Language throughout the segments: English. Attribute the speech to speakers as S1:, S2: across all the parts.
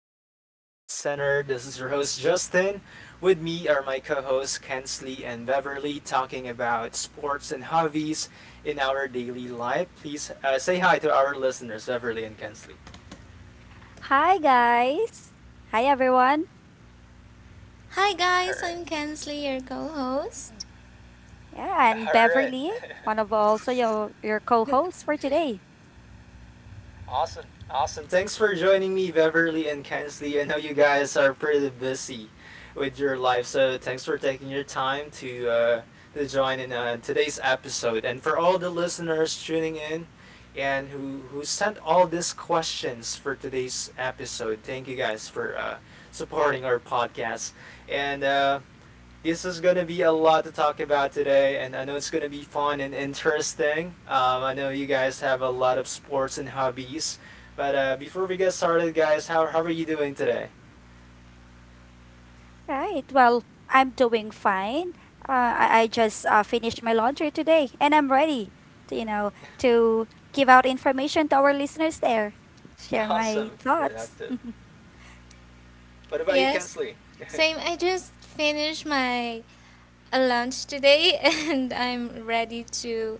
S1: welcome to Sports Center. This is your host Justin. With me are my co-hosts Kensley and Beverly talking about sports and hobbies in our daily life. Please say hi to our listeners, Beverly and Kensley.
S2: Hi guys. Hi everyone.
S3: Hi
S1: All
S3: guys,
S1: right.
S3: I'm Kensley, your co-host.
S2: Yeah, I'm
S1: All right.
S2: Beverly, one of also your co-hosts for today.
S1: Awesome. Awesome. Thanks for joining me, Beverly and Kensley. I know you guys are pretty busy with your life, so thanks for taking your time to join in today's episode. And for all the listeners tuning in and who sent all these questions for today's episode, thank you guys for supporting our podcast. And This is gonna be a lot to talk about today, and I know it's gonna be fun and interesting. I know you guys have a lot of sports and hobbies, but before we get started, guys, how are you doing today?
S2: Right. Well, I'm doing fine. I just finished my laundry today and I'm ready to, to give out information to our listeners there. Share my
S1: Awesome,
S2: thoughts.
S1: productive. What about you,
S3: Yes,
S1: Kensley?
S3: same. I just finished my lunch today, and I'm ready to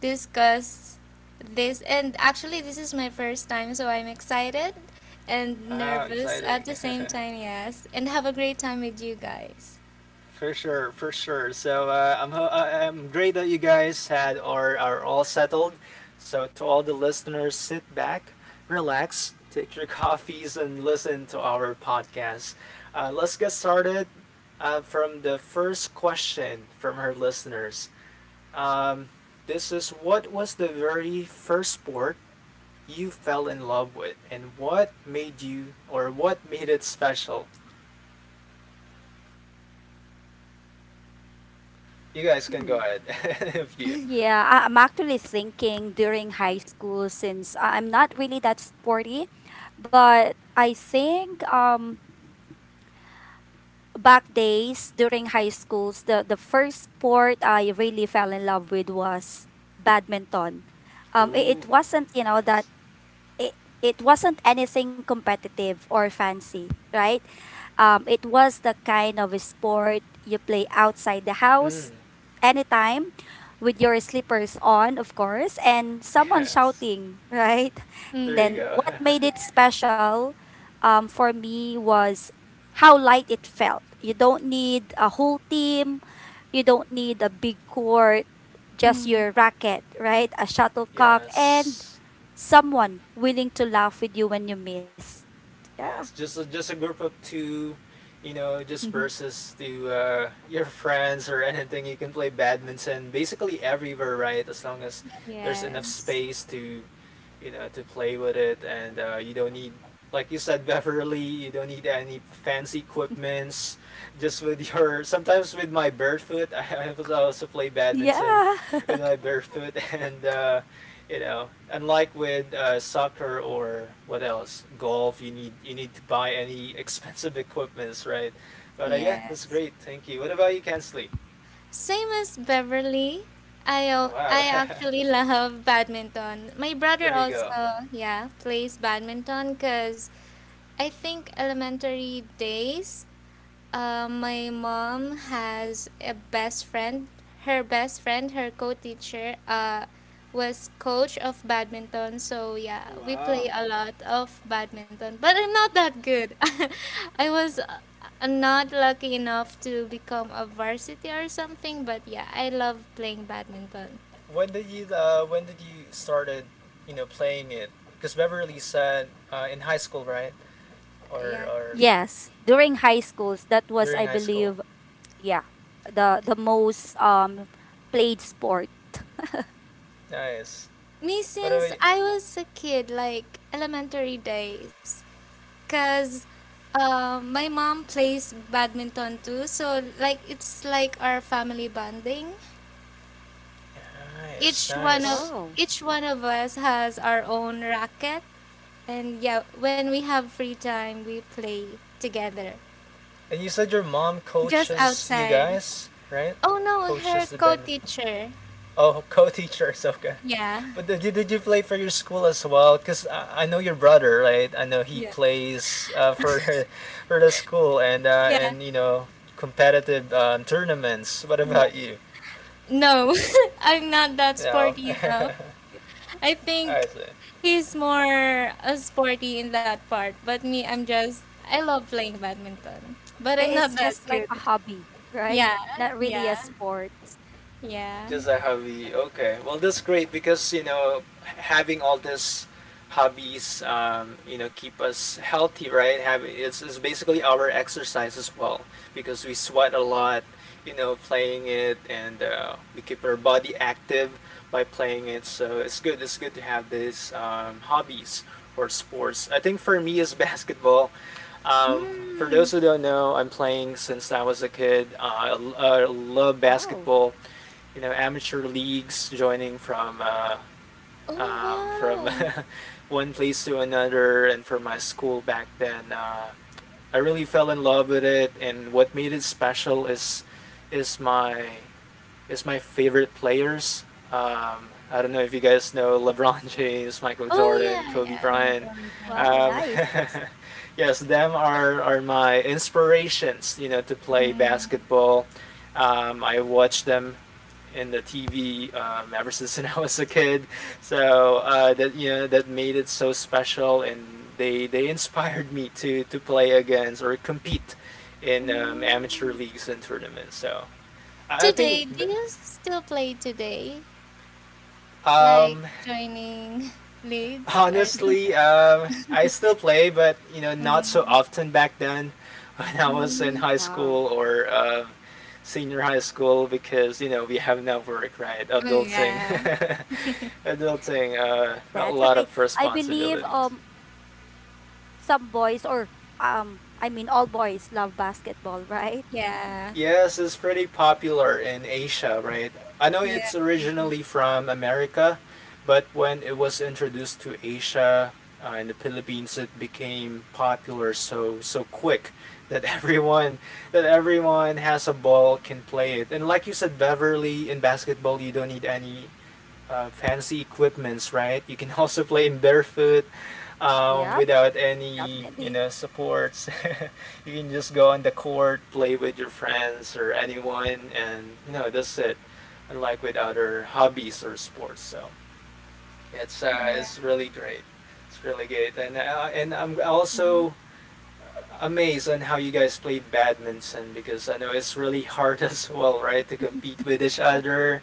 S3: discuss this. And actually, this is my first time, so I'm excited and
S1: Wow,
S3: nervous at
S1: exciting.
S3: the same time. Yes, and have a great time with you guys.
S1: For sure, for sure. So I'm great that you guys had are all settled. So to all the listeners, sit back, relax, take your coffees, and listen to our podcast. Let's get started from the first question from her listeners. Um, this is, what was the very first sport you fell in love with, and what made you or what made it special? You guys can
S2: Hmm.
S1: go ahead if you.
S2: Yeah, I'm actually thinking during high school since I'm not really that sporty, but I think back days during high schools, the first sport I really fell in love with was badminton. It
S1: Ooh.
S2: wasn't that
S1: Yes.
S2: it, it wasn't anything competitive or fancy, right? It was the kind of a sport you play outside the
S1: Mm,
S2: house anytime with your slippers on, of course, and someone
S1: yes.
S2: shouting, right?
S1: There you
S3: Mm.
S2: Then
S1: go.
S2: what made it
S3: Yes.
S2: special for me was how light it felt. You don't need a whole team, you don't need a big court, just
S3: Mm.
S2: your racket, right? A shuttlecock and
S1: yes.
S2: someone willing to laugh with you when you miss. Yeah.
S1: Yes. Just a group of two, you know, just versus to your friends or anything. You can play badminton basically everywhere, right? As long as there's enough
S3: Yes.
S1: space to, you know, to play with it, and you don't need, like you said, Beverly, you don't need any fancy equipments. Just with your sometimes with my barefoot, I also play badminton
S2: Yeah.
S1: with my barefoot and. You know unlike with soccer or what else golf you need to buy any expensive equipments, right? But yeah, that's
S3: Yes.
S1: great. Thank you. What about you, Kensley?
S3: Same as Beverly,
S1: Oh, wow.
S3: I actually love badminton. My brother
S1: There you go.
S3: also, yeah, plays badminton because I think elementary days, my mom has a best friend. Her best friend, her co-teacher, was coach of badminton. So
S1: Oh,
S3: yeah, we
S1: wow.
S3: play a lot of badminton. But I'm not that good. I was not lucky enough to become a varsity or something. But yeah, I love playing badminton.
S1: When did you when did you started you know playing it because Beverly said in high school, right?
S3: Yeah.
S1: Or
S2: Yes, during high schools, that was,
S1: during
S2: I
S1: high school.
S2: believe, yeah, the most played sport.
S1: Nice.
S3: Me
S1: What about
S3: since
S1: you?
S3: I was a kid, like elementary days, cause my mom plays badminton too. So like it's like our family bonding.
S1: Nice,
S3: Each one of
S1: nice.
S2: Wow.
S3: each one of us has our own racket, and yeah, when we have free time, we play together,
S1: And you said your mom
S3: just
S1: coaches you
S3: outside.
S1: guys, right?
S3: Oh no, her
S1: Coaches the band.
S3: co-teacher.
S1: Oh, co-teacher Ahsoka.
S3: Yeah.
S1: But did you play for your school as well? Cause I know your brother, right? I know he
S3: Yeah.
S1: plays for for the school
S3: Yeah.
S1: and you know competitive tournaments. What
S3: Yeah.
S1: about you?
S3: No, I'm not that
S1: No,
S3: sporty
S1: I.
S3: enough. I
S1: I
S3: think
S1: see.
S3: he's more a sporty in that part, but me, I'm just I love playing badminton, but I'm not
S2: It's
S3: that
S2: just like a
S3: good.
S2: hobby, right?
S3: Yeah,
S2: Not really a
S3: yeah,
S2: sport.
S3: yeah.
S1: Just a hobby. Okay. Well, that's great because, you know, having all these hobbies, you know, keep us healthy, right? Have it's basically our exercise as well because we sweat a lot, you know, playing it and we keep our body active by playing it. So it's good. It's good to have these hobbies or sports. I think for me is basketball. Um, for
S3: Hmm.
S1: those who don't know, I'm playing since I was a kid. I love
S2: Wow.
S1: basketball, you know, amateur leagues joining
S3: Oh,
S1: from
S3: wow.
S1: one place to another and for my school back then. I really fell in love with it, and what made it special is is my is my favorite players. I don't know if you guys know LeBron James, Michael
S3: Oh yeah,
S1: Jordan, Kobe
S3: yeah.
S1: Bryant.
S3: LeBron
S2: Wow,
S1: Um,
S3: James.
S2: nice.
S1: yes, them are my inspirations, you know, to play
S3: Hmm.
S1: basketball. I watched them in the TV ever since I was a kid. So that you know that made it so special, and they inspired me to play against or compete in amateur
S3: Mm.
S1: leagues and tournaments. So I think.
S3: Today, do you still play today? Like
S1: Um,
S3: joining leagues or
S1: honestly,
S3: something?
S1: I still play, but you know, not so
S3: Hmm.
S1: often back then when I was in
S3: Mm,
S1: high
S2: Wow.
S1: school or senior high school because you know we have now work, right?
S3: oh
S1: Adulting,
S3: yeah.
S1: adulting, a
S2: That's
S1: lot
S2: okay.
S1: of
S2: I believe
S1: responsibilities.
S2: some boys or I mean all boys love basketball, right?
S3: Yeah.
S1: Yes, it's pretty popular in Asia, right? I know
S3: Yeah.
S1: it's
S2: hmm
S1: originally from America, but when it was introduced to Asia in the Philippines, it became popular so so quick that everyone that everyone has a ball can play it. And like you said, Beverly, in basketball, you don't need any fancy equipments, right? You can also play in barefoot
S2: Yep,
S1: without any,
S2: definitely.
S1: you know, supports. You can just go on the court, play with your friends or anyone, and you know that's it. Unlike with other hobbies or sports, so
S3: Yeah.
S1: it's really great. It's really great, and I'm
S2: Mhm.
S1: also amazed on how you guys play badminton because I know it's really hard as well, right? To compete with each other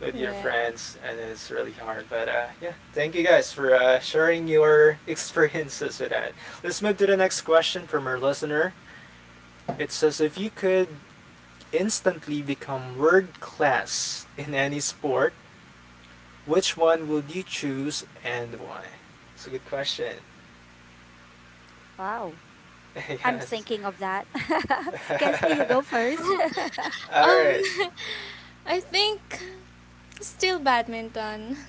S1: with your
S3: Yeah.
S1: friends, and it's really hard. But yeah, thank you guys for sharing your experiences with that. Let's move to the next question from our listener. It says, if you could instantly become world class in any sport, which one would you choose and why? It's a good question.
S2: Wow. I'm
S1: Yes.
S2: thinking of that. Kensley, you go first.
S1: All
S3: Um
S1: right.
S3: I think still badminton.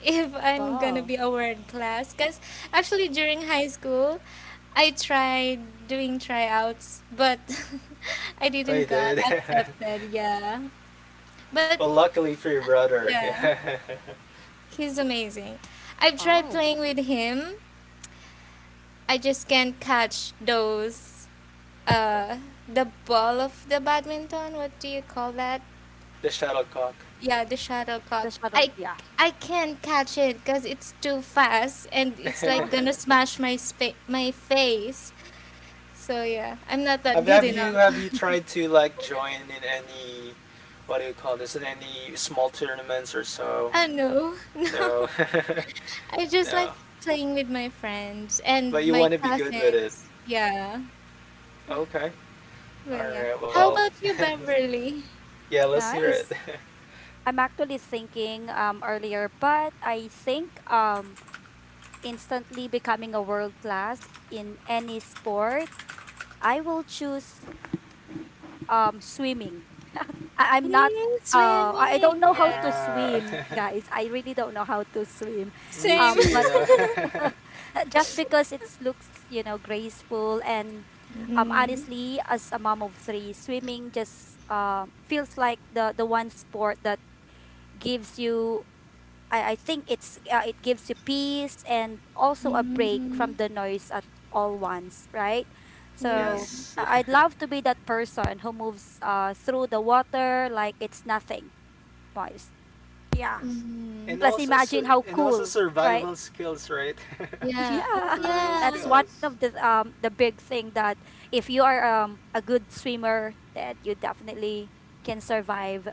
S3: If I'm gonna
S2: Wow.
S3: be a world class, because actually during high school, I tried doing tryouts, but I
S1: We
S3: didn't got
S1: did.
S3: accepted. Yeah,
S1: Well,
S3: but
S1: luckily for your brother,
S3: yeah,
S1: yeah,
S3: he's amazing. I've tried
S2: Wow.
S3: playing with him, I just can't catch those uh the ball of the badminton, what do you call that?
S1: the shuttlecock.
S3: Yeah, the
S2: The
S3: shuttlecock.
S2: shadow.
S3: i
S2: Yeah.
S3: i can't catch it because it's too fast and it's
S2: No.
S3: like gonna smash my my face, so yeah, I'm not that
S1: Have,
S3: good
S1: have you
S3: enough.
S1: have you tried to like join in any what do you call this in any small tournaments or so?
S3: Oh no,
S1: No.
S3: no, I just like
S1: No,
S3: playing with my friends
S1: but
S3: and
S1: you
S3: my
S1: want to be good with it.
S3: cousins. Yeah,
S1: Okay. All
S3: but yeah,
S1: right.
S3: how
S1: Well,
S3: about you, Beverly?
S1: yeah, let's hear it.
S2: Nice. I'm actually thinking earlier, but I think instantly becoming a world class in any sport, I will choose swimming. I- I'm not
S3: Mm,
S2: I I don't
S3: swimming.
S2: know how
S3: Yeah.
S2: to
S1: Wow.
S2: swim, guys. I really don't know how to swim.
S1: Me
S3: Same.
S1: too, you
S2: But
S1: know.
S2: Just because it looks graceful and
S3: Mm.
S2: honestly as a mom of three, swimming just feels like the one sport that gives you I think it's it gives you peace and also a break
S3: Mm.
S2: from the noise at all once, right? So
S3: Yeah.
S1: Yes.
S2: I- I'd love to be that person who moves through the water like it's nothing. Boys, yeah,
S1: Yes,
S3: Mm.
S1: and
S2: plus
S1: also
S2: imagine how
S1: and also
S2: cool, right?
S1: survival skills, right?
S3: Yeah. Oh,
S2: Yeah,
S1: Survival
S3: yeah.
S2: that's one of
S1: skills.
S2: the big thing, that if you are a good swimmer, that you definitely can survive.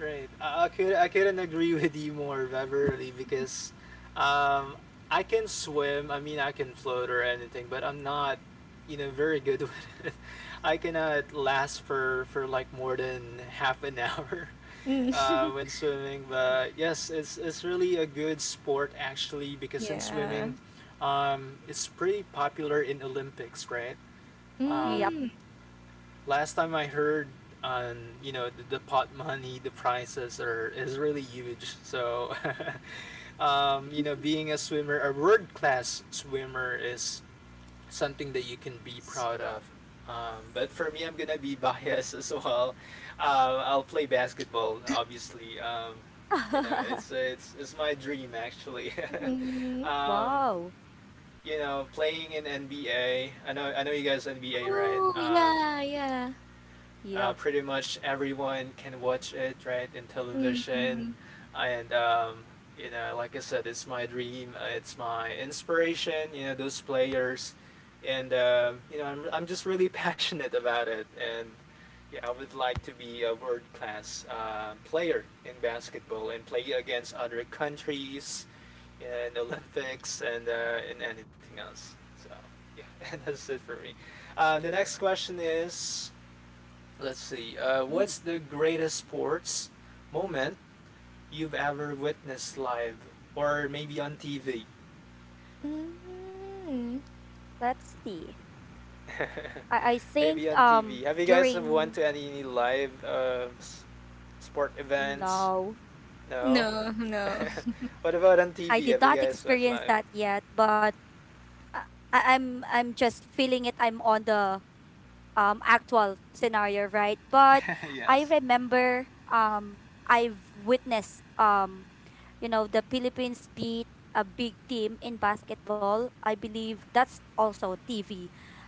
S1: Right. I could I couldn't agree with you more, Beverly, because um I can swim, I mean I can float or anything, but I'm not, you know, very good with it. I cannot last for like more than half an hour
S3: Mm.
S1: when swimming,
S2: Mm.
S1: but yes, it's really a good sport actually because in
S3: Yeah.
S1: swimming it's pretty popular in Olympics, right?
S2: Yep.
S1: Um.
S3: Mm.
S1: Last time I heard on you know the pot money, the prices are is really huge. So, you know, being a swimmer, a world class swimmer is something that you can be proud of. But for me, I'm gonna be biased as well. I'll play basketball, obviously. You know, it's my dream actually.
S3: Mm.
S1: um,
S2: Wow.
S1: you know, playing in NBA. I know you guys NBA, right?
S3: Oh, yeah, yeah.
S2: Yeah.
S1: Pretty much everyone can watch it, right, in television
S3: Mm.
S1: and you know like I said it's my dream. It's my inspiration, you know, those players, and you know I'm just really passionate about it. And yeah, I would like to be a world class player in basketball and play against other countries, you know, in Olympics and in anything else. So yeah, and that's it for me. The next question is. Let's see.
S2: Mhm.
S1: What's the greatest sports moment you've ever witnessed live or maybe on TV?
S3: Mm.
S2: Let's see. I think
S1: Maybe on TV. Have you guys went
S2: during
S1: to any live sport events?
S2: No,
S1: No.
S3: No, no.
S1: What about on
S2: I
S1: TV?
S2: did
S1: Have you
S2: not
S1: guys watched
S2: experience
S1: live?
S2: that yet, but I, I'm just feeling it. I'm on the actual scenario, right? But I
S1: Yes.
S2: remember I've witnessed you know the Philippines beat a big team in basketball. I believe that's also TV.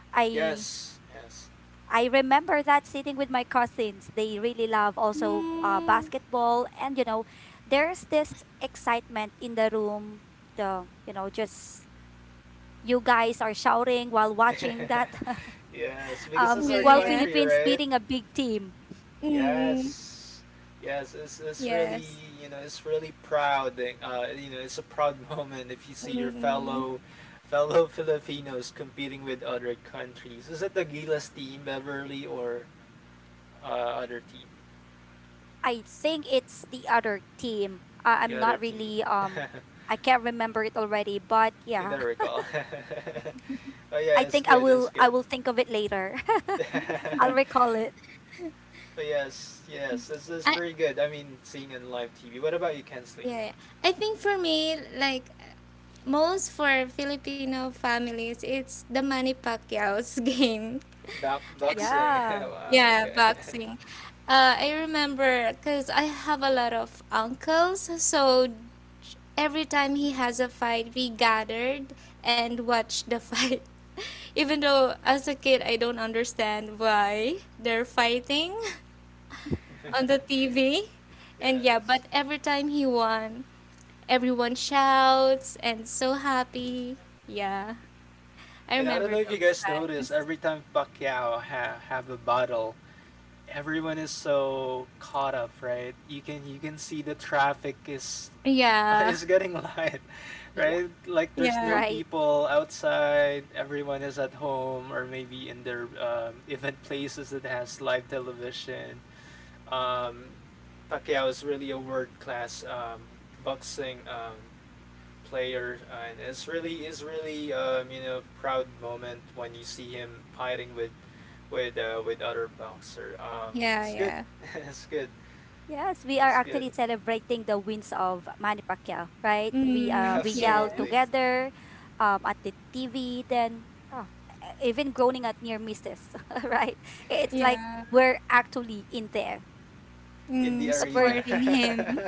S2: I
S1: Yes. Yes.
S2: I remember that sitting with my cousins. They really love also
S3: Mm.
S2: basketball, and you know, there's this excitement in the room. The just you guys are shouting while watching that
S1: Yes. Because this is
S3: Yeah,
S1: our
S2: while
S3: yeah.
S1: country,
S2: Philippines
S1: right?
S2: beating a big team.
S3: Mm.
S1: Yes. Yes, it's really,
S3: Yes.
S1: you know, it's really proud. That, uh, you know, it's a proud moment if you see your
S3: Mm.
S1: fellow fellow Filipinos competing with other countries. Is it the Gilas team, Beverly, or other team?
S2: I think it's the other team.
S1: The
S2: I'm
S1: other
S2: not
S1: team.
S2: really I can't remember it already, but
S1: I
S2: yeah.
S1: don't recall. Oh
S2: I
S1: yeah, it's
S2: think
S1: good. It's
S2: I
S1: good.
S2: will think of it later. I'll recall it.
S1: Oh yes, yes, it's
S3: I.
S1: very good. I mean, seeing on live TV. What about you, Kensley?
S3: Yeah, yeah. I think for me, like, most for Filipino families, it's the Manny Pacquiao's game.
S1: Back boxing.
S2: Yeah.
S1: Wow.
S3: Yeah,
S1: Okay.
S3: boxing. I remember because I have a lot of uncles, so every time he has a fight, we gathered and watched the fight. Even though as a kid, I don't understand why they're fighting. on the TV. And yeah,
S1: Yes.
S3: but every time he won, everyone shouts and so happy. Yeah, I
S1: And I
S3: remember
S1: don't know if you
S3: those
S1: guys notice,
S3: times.
S1: every time Pacquiao have a battle, everyone is so caught up, right? You can see the traffic is
S3: Yeah,
S1: is getting light,
S2: Yeah.
S1: right? Like there's no
S3: yeah,
S2: Right.
S1: people outside. Everyone is at home or maybe in their event places that has live television. Um, Pacquiao is really a world class boxing player, and it's really is really you know proud moment when you see him fighting with with other boxer.
S3: yeah,
S1: It's good,
S3: yeah.
S1: it's good,
S2: Yes, we are
S1: that's good.
S2: actually celebrating the wins of Manny Pacquiao, right?
S3: Mm,
S2: We yell
S3: yes,
S1: Absolutely
S2: together at the TV, then even groaning at near misses, right? It's like
S3: yeah.
S2: we're actually in there.
S1: in the
S3: Mm,
S2: But we're
S1: arena.
S3: supporting him.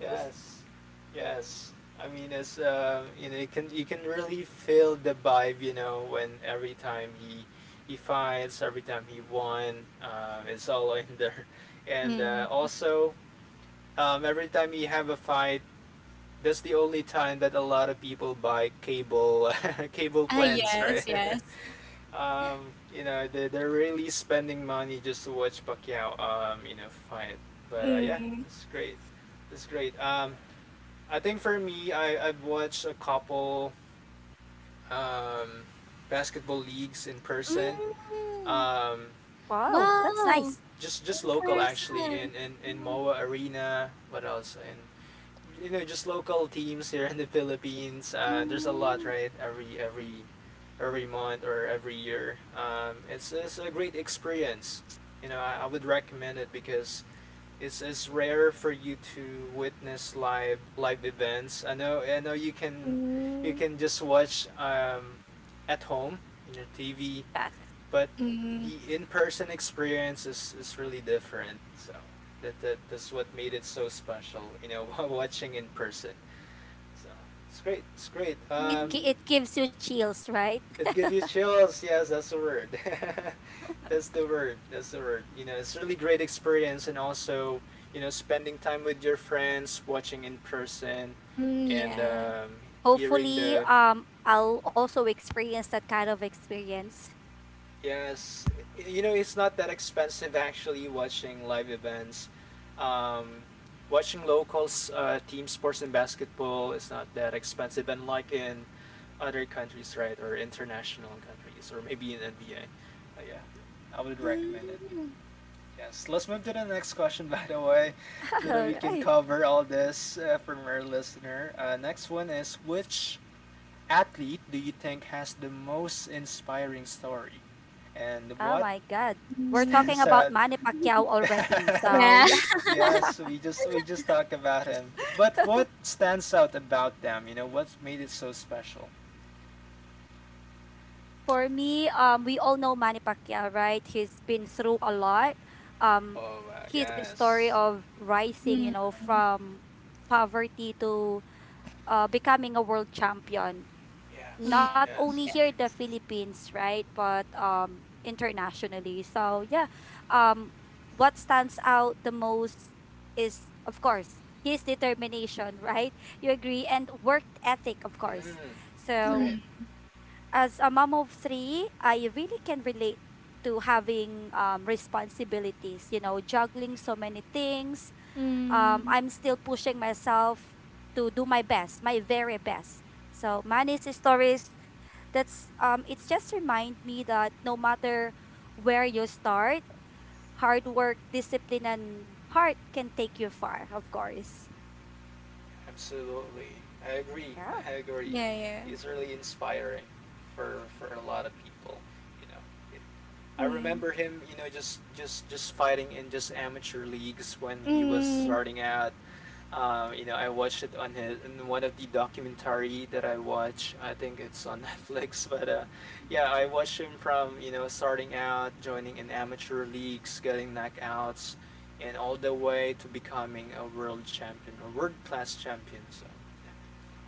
S1: Yes, yes. I mean, it's you know, you can really feel the vibe, you know, when every time he fights, every time he won, it's all in there, and
S3: Mm.
S1: also every time you have a fight, that's the only time that a lot of people buy cable cable
S3: Ah,
S1: plans,
S3: yes,
S1: right?
S3: yes.
S1: You know, they're really spending money just to watch Pacquiao, you know, fight. But yeah,
S3: Mm.
S1: it's great. It's great. I think for me, I've watched a couple um, basketball leagues in person.
S3: Mm.
S1: Um,
S2: Wow, that's
S3: Wow,
S2: nice.
S1: just
S3: in
S1: local actually
S3: person.
S1: in
S3: Mm,
S1: Moa Arena. What else in you know just local teams here in the Philippines. There's a lot,
S3: mm,
S1: right? Every every month or every year. It's a great experience. You know, I would recommend it because it's rare for you to witness live events. I know you
S3: mm,
S1: can just watch at home in your TV,
S2: Yes.
S1: but
S3: mm.
S1: the in-person experience is really different. So that's what made it so special, you know, watching in person. So it's great, it's great um
S3: Mm,
S2: It gives you chills, right?
S1: It gives you chills, yes, that's the word. that's the word, you know, it's really great experience. And also, you know, spending time with your friends watching in person,
S3: mm,
S1: and
S3: yeah.
S1: hearing
S2: Hopefully
S1: the
S2: I'll also experience that kind of experience.
S1: yes, you know, it's not that expensive actually watching live events. Um, Watching locals, team sports and basketball is not that expensive, unlike in other countries, right, or international countries, or maybe in NBA. Yeah, I would recommend it.
S3: Mm,
S1: Yes, let's move to the next question, by the way, so that
S2: All
S1: we can
S2: right.
S1: cover all this from our listener. Next one is, which athlete do you think has the most inspiring story? And
S2: Oh
S1: what
S2: my god. We're talking
S1: stands
S3: mm,
S2: about
S1: out?
S2: Manny Pacquiao already. So,
S3: yeah.
S2: yeah.
S1: Yes, we just talked about him. But what stands out about them? You know, what's made it so special?
S2: For me, we all know Manny Pacquiao, right? He's been through a lot. Um,
S1: Oh, wow.
S2: his story
S1: Yes.
S2: of rising, you
S3: Mm,
S2: know, from poverty to becoming a world champion,
S3: mm,
S2: not
S1: Yes.
S2: only
S1: Yes.
S3: yeah.
S2: here in the Philippines, right, but internationally. So yeah, um, what stands out the most is, of course, his determination, right? You agree, and work ethic, of course.
S1: Mm,
S2: So
S1: right.
S3: Mm,
S2: as a mom of three, I really can relate to having responsibilities, you know, juggling so many things.
S3: mm,
S2: I'm still pushing myself to do my best, my very best. So Manny's stories, that's it's just remind me that no matter where you start, hard work, discipline, and heart can take you far. Of course,
S1: Absolutely. I agree.
S2: yeah.
S1: I agree.
S3: yeah, yeah.
S1: It's really inspiring for a lot of people, you know. I
S3: Mm,
S1: remember him, you know, just fighting in just amateur leagues when he was
S3: mm,
S1: starting out. You know, I watched it on his in one of the documentary that I watch. I think it's on Netflix, but yeah, I watched him from, you know, starting out, joining in amateur leagues, getting knockouts, and all the way to becoming a world champion or world class champion. So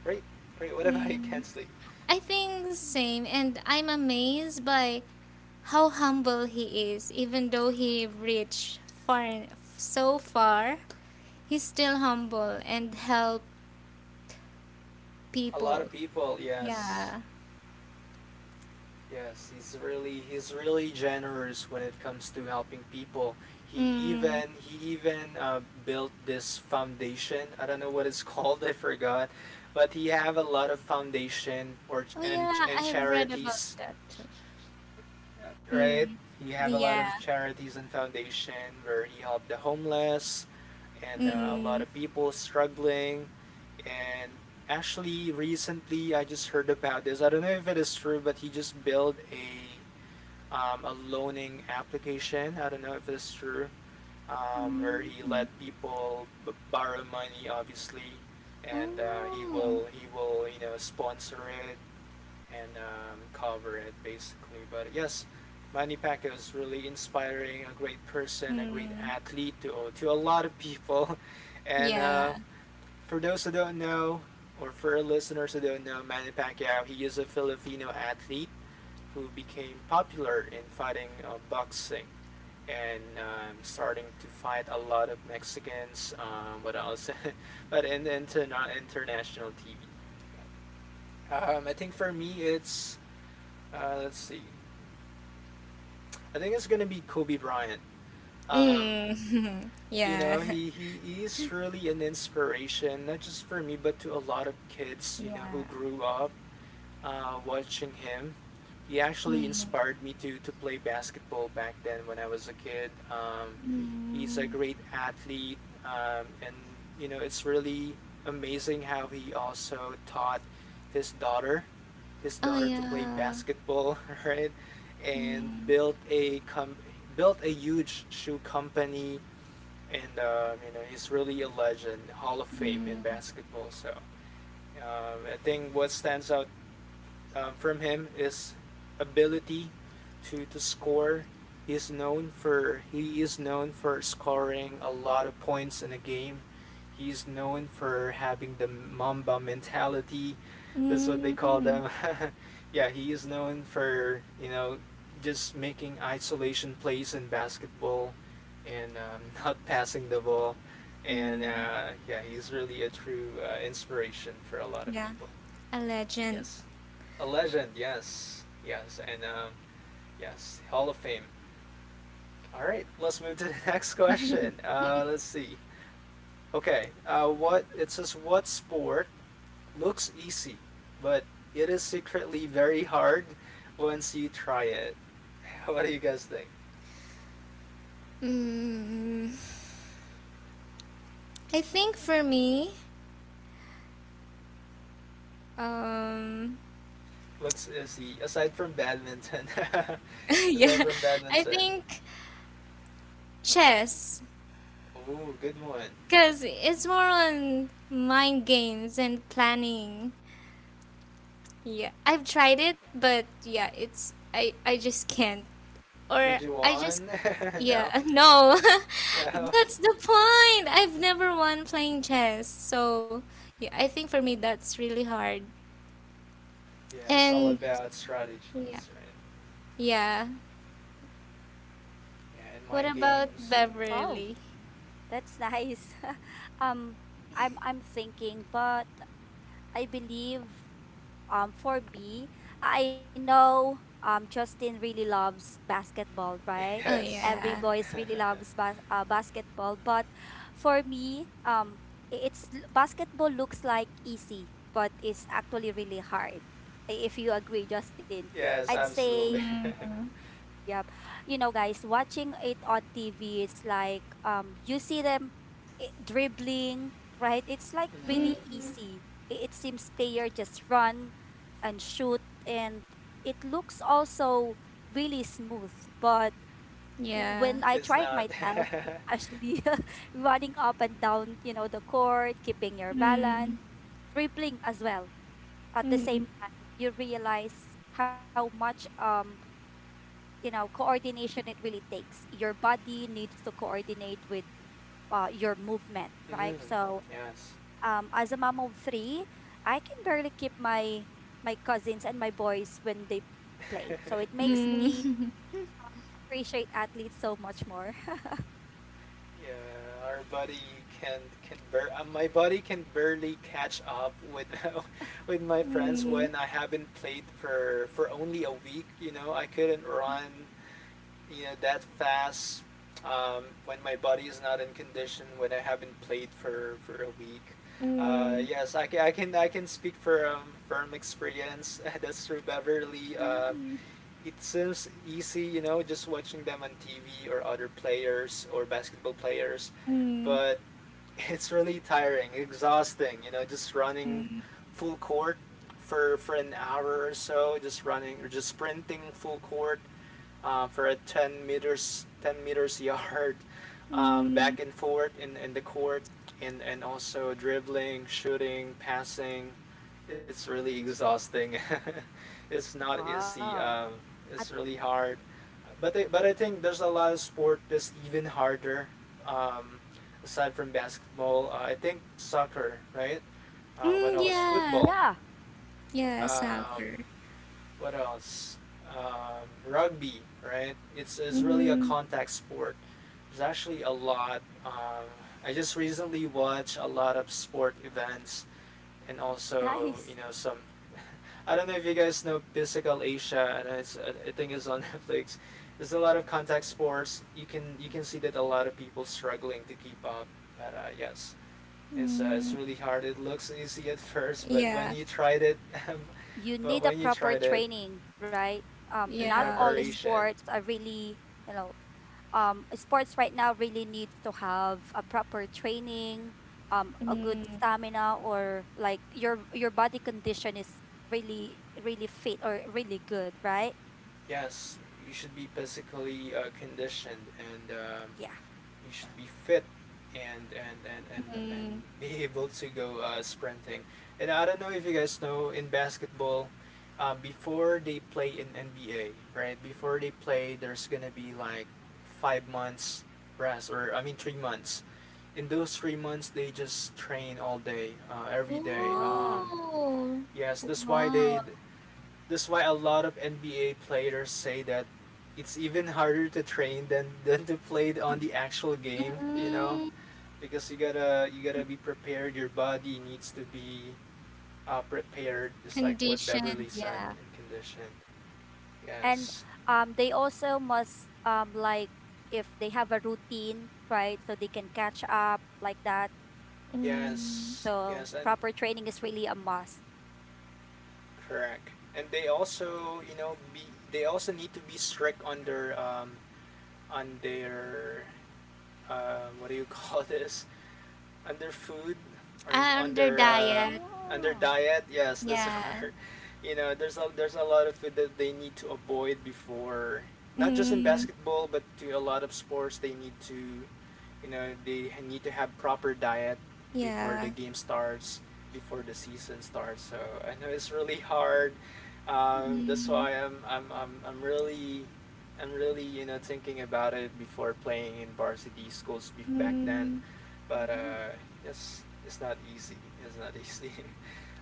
S1: great, great. What about you,
S3: mm.
S1: Kensley?
S3: I think the same, and I'm amazed by how humble he is. Even though he reached far, so far, he's still humble and help
S1: A lot of
S3: people.
S1: people, yes.
S3: Yeah.
S1: Yes, he's really generous when it comes to helping people. He
S3: Mm.
S1: even he even built this foundation. I don't know what it's called. I forgot, but he have a lot of foundation or
S3: Oh yeah,
S1: and
S3: I've read about
S1: charities,
S3: that.
S1: right?
S3: Mm.
S1: He have a lot of
S3: Yeah.
S1: charities and foundation where he helped the homeless, and a lot
S3: Mm.
S1: of people struggling, and actually recently I just heard about this. I don't know if it is true, but he just built a loaning application. I don't know if it's true, where
S3: Mm.
S1: he
S3: Mm.
S1: let people borrow money, obviously, and he
S3: Oh.
S1: will he will you know sponsor it and cover it basically. But yes, Manny Pacquiao is really inspiring, a great person, a great
S3: Mm.
S1: athlete to a lot of people, and
S3: Yeah.
S1: for those who don't know. Or for our listeners who don't know Manny Pacquiao, he is a Filipino athlete who became popular in fighting boxing and starting to fight a lot of Mexicans. What else? but in international TV. I think for me, it's let's see. I think it's gonna be Kobe Bryant. Um,
S3: Mm.
S1: you know,
S3: Yeah.
S1: he is really an inspiration, not just for me, but to a lot of kids. You know, who
S3: Yeah.
S1: grew up watching him. He actually
S3: Mm.
S1: inspired me to play basketball back then when I was a kid. He's a
S3: Mm.
S1: great athlete, and you know it's really amazing how he also taught his daughter, his
S3: Oh,
S1: daughter to play
S3: yeah.
S1: basketball, right? And
S3: Mm.
S1: built a built a huge shoe company, and you know he's really a legend, Hall of Fame in
S3: Mm.
S1: basketball. So I think what stands out from him is ability to score. He is known for he is known for scoring a lot of points in a game. He is known for having the Mamba mentality. That's what they call
S3: Mm.
S1: them. yeah, he is known for you know just making isolation plays in basketball and not passing the ball. And
S3: Mm.
S1: yeah, he's really a true inspiration for a lot of
S3: Yeah.
S1: people.
S3: A legend.
S1: Yes, a legend. Yes, yes, and yes, Hall of Fame. All right, let's move to the next question. Let's see. Okay, what it says? What sport looks easy, but it is secretly very hard once you try it? What do you guys think?
S3: Mm, I think for me, um,
S1: Looks easy aside from badminton.
S3: yeah,
S1: Aside from
S3: I
S1: badminton.
S3: think chess.
S1: Ooh, good one.
S3: Because it's more on mind games and planning. Yeah, I've tried it, but yeah, it's I just can't, or
S1: Did you
S3: I just
S1: won?
S3: yeah,
S1: No.
S3: no.
S1: Yeah,
S3: That's the point. I've never won playing chess, so yeah, I think for me that's really hard.
S1: yeah. It's all
S3: And
S1: about
S3: yeah,
S1: strategies, right?
S3: yeah.
S1: Yeah, and
S3: What
S1: mind
S3: about
S1: games.
S2: Wow,
S3: Beverly?
S2: that's nice. um, I'm thinking, but I believe for me, I know Justin really loves basketball, right?
S3: Oh
S1: Yes,
S2: Every
S3: yeah.
S2: boys really loves basketball, but for me, it's basketball looks like easy, but it's actually really hard. I- If you agree, Justin,
S1: yes,
S2: I'd say
S1: absolutely.
S3: Mm.
S2: yep. You know, guys, watching it on TV, it's like you see them dribbling, right? It's like
S1: mm,
S2: really
S3: Mm.
S2: easy. It seems player just run and shoot and it looks also really smooth, but when I
S3: Yeah.
S1: it's
S2: tried
S1: not.
S2: myself,
S1: mm,
S2: actually running up and down, you know, the court, keeping your balance,
S3: Mm.
S2: dribbling as well. At the same
S3: Mm.
S2: time, you realize how much you know coordination it really takes. Your body needs to coordinate with your movement, right? So
S1: yes,
S2: as a mom of three, I can barely keep my cousins and my boys when they play, so it makes me
S3: Mm.
S2: appreciate athletes so much more.
S1: yeah. Our body can bur. My body can barely catch up with with my friends
S3: Mm,
S1: when I haven't played for only a week. You know, I couldn't run you know that fast when my body is not in condition when I haven't played for a week.
S3: mm,
S1: Yes, I can I can speak from experience. That's through Beverly.
S2: Mm.
S1: It seems easy, you know, just watching them on TV or other players or basketball players,
S3: mm,
S1: but it's really tiring, exhausting. You know, just running
S3: mm,
S1: full court for an hour or so, just running or just sprinting full court for a 10 meters 10 meters yard
S3: mm,
S1: back and forth in the court, and also dribbling, shooting, passing. It's really exhausting. it's not easy.
S2: Wow. At,
S1: It's really hard. But I think there's a lot of sport that's even harder. Um, aside from basketball, I think soccer, right? What
S3: mm,
S1: else?
S3: yeah,
S1: Football.
S2: yeah,
S3: yeah,
S1: Um,
S3: soccer.
S1: what else? Rugby, right? It's really a
S3: Mm,
S1: contact sport. There's actually a lot. I just recently watched a lot of sport events and also, you
S2: nice.
S1: know, some. I don't know if you guys know Physical Asia. I don't know it's I think it's on Netflix. There's a lot of contact sports. You can see that a lot of people struggling to keep up. But yes, it's
S3: mm,
S1: really hard. It looks easy at first, but when
S3: yeah,
S1: you tried it,
S2: You
S1: but
S2: need a
S1: when you
S2: proper
S1: tried it
S2: training, right?
S1: in
S2: Not
S3: yeah.
S2: all
S1: preparation,
S2: sports are really you know Sports right now really needs to have a proper training, a good
S3: Mm,
S2: stamina, or like your body condition is really really fit or really good, right?
S1: yes, you should be physically conditioned and
S2: Yeah.
S1: you should be fit and
S3: mm.
S1: be able to go sprinting. And I don't know if you guys know in basketball, before they play in NBA, right? Before they play, there's gonna be like 5 months rest, or I mean 3 months. In those 3 months, they just train all day, every day.
S2: Yeah.
S3: Oh,
S1: Yes, that's why they
S3: wow.
S1: that's why a lot of NBA players say that it's even harder to train than to play on the actual game, you know,
S3: Mm,
S1: because you gotta be prepared. Your body needs to be prepared, just like what
S3: conditioned,
S1: Beverly said
S3: yeah.
S1: in condition.
S2: And
S1: Yes,
S2: they also must like if they have a routine, right? So they can catch up like that.
S3: Mm,
S1: yes,
S2: So
S1: yes, and
S2: proper training is really a must.
S1: correct. And they also, you know, be they also need to be strict on their what do you call this on their food or
S3: ah, under diet,
S1: on their
S2: Oh.
S1: diet. Yes, that's the
S3: yeah.
S1: you know, there's a lot of food that they need to avoid before, not just in
S3: Mm,
S1: basketball, but to a lot of sports. They need to, you know, they need to have proper diet before the
S3: yeah.
S1: game starts, before the season starts. So I know it's really hard. That's
S3: Mm,
S1: why I'm really you know thinking about it before playing in varsity schools back then,
S3: mm.
S1: but
S2: Mm-hmm.
S1: yes, it's not easy. It's not easy.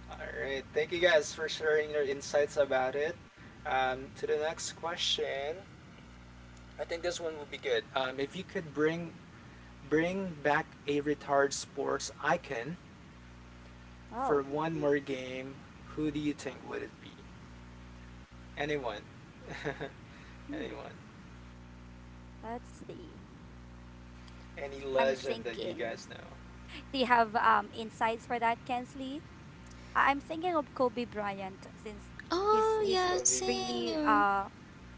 S1: All right. Thank you guys for sharing your insights about it. To the next question, I think this one would be good. If you could bring back a retired sports icon
S2: Oh.
S1: for one more game, who do you think would it be? Anyone?
S2: Hmm.
S1: Anyone?
S2: Let's see.
S1: Any
S2: I'm
S1: legend that you
S2: thinking.
S1: guys know?
S2: Do you have insights for that, Kensley? I- I'm thinking of Kobe Bryant since
S3: Oh,
S2: he's
S3: yeah,
S1: Kobe.
S2: really
S3: same.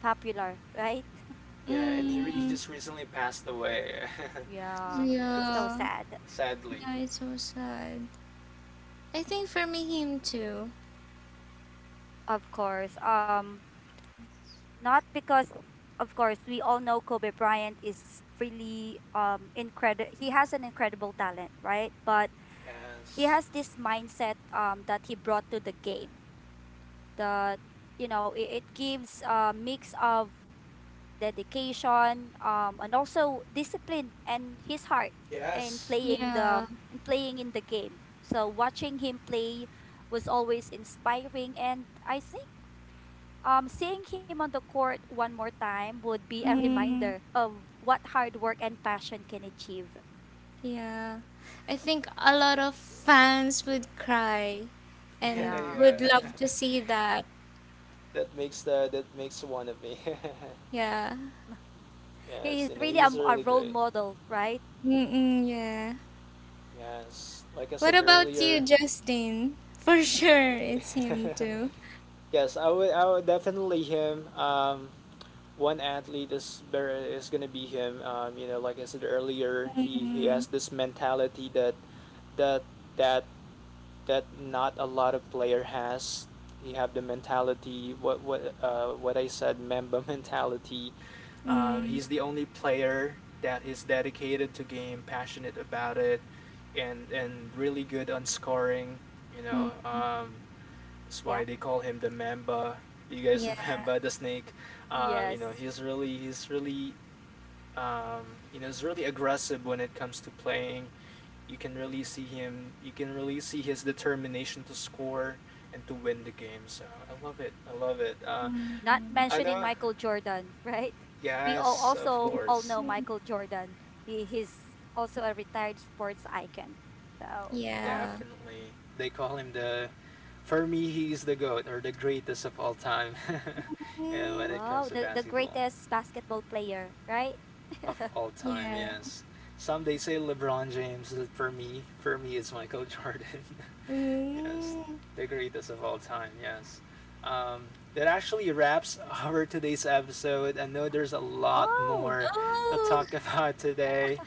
S2: popular, right?
S1: Yeah, and he
S3: Mm.
S1: just recently passed away. so
S2: Yeah, it's
S1: yes,
S2: so
S3: Yeah.
S2: sad.
S1: sadly.
S3: Yeah, it's so sad. I think for me, him too.
S2: Of course. Not because of course we all know Kobe Bryant is really incredible. He has an incredible talent, right? But he
S1: Yes.
S2: has this mindset that he brought to the game, that you know it gives a mix of dedication, and also discipline and his heart in
S1: Yes.
S2: playing the
S3: Yeah.
S2: in playing in the game. So watching him play was always inspiring, and I think seeing him on the court one more time would be a
S3: Mm,
S2: reminder of what hard work and passion can achieve.
S3: yeah. I think a lot of fans would cry and
S2: Yeah,
S3: would
S1: Yeah.
S3: love to see that.
S1: That makes the that makes one of me.
S3: Yeah.
S2: he is
S1: Yes, you
S2: really
S1: know, he's
S2: a
S1: really
S2: role
S1: great.
S2: model, right?
S3: Mm-mm, yeah.
S1: Yes. Like I
S3: What
S1: said
S3: about you,
S1: earlier,
S3: Justin? For sure, it's him too.
S1: yes, I would definitely him. Um, one athlete is very is gonna be him. You know, like I said earlier, he
S3: Mm,
S1: has this mentality that that that not a lot of player has. He have the mentality, what what I said, member mentality.
S3: mm,
S1: He's the only player that is dedicated to game, passionate about it, and really good on scoring. You know,
S3: mm,
S1: that's why
S2: Yep.
S1: they call him the Mamba. Do you guys
S3: yeah.
S1: remember the snake? You know,
S2: Yes.
S1: he's really you know he's really aggressive when it comes to playing. You can really see him, you can really see his determination to score and to win the game, so I love it, I love it. Uh,
S2: Not
S3: Mm,
S1: I
S2: mentioning
S1: know,
S2: Michael Jordan, right? We all
S1: yes, of
S2: also all
S1: course,
S2: know
S3: mm,
S2: Michael Jordan. He's also a retired sports icon. So yeah,
S3: yeah.
S1: definitely they call him the for me he's the goat or the greatest of all time and when
S3: Mm,
S1: it
S2: wow,
S1: comes to
S2: the
S1: basketball
S2: greatest basketball player, right?
S1: of all time
S3: yeah.
S1: yes some they say LeBron James, for me it's Michael Jordan. Yes,
S3: Mm.
S1: the greatest of all time. Yes. Um, that actually wraps our today's episode. I know there's a lot
S2: Oh,
S1: more to
S3: Oh,
S1: talk about today.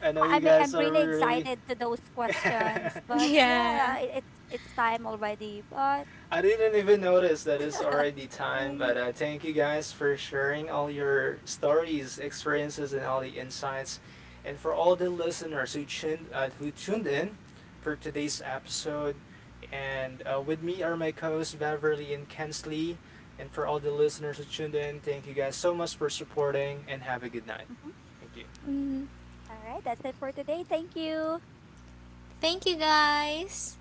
S1: I know you
S2: I mean,
S1: guys
S2: I'm
S1: are
S2: really
S1: really
S2: excited to those questions, but
S3: yeah.
S2: yeah, yeah, it's time already. But
S1: I didn't even notice that it's already time,
S3: Mm.
S1: but thank you guys for sharing all your stories, experiences, and all the insights. And for all the listeners who who tuned in for today's episode. And with me are my co hosts, Beverly and Kensley. And for all the listeners who tuned in, thank you guys so much for supporting and have a good night.
S2: Mhm.
S1: Thank you.
S3: Mm.
S2: All right, that's it for today. Thank you.
S3: Thank you, guys.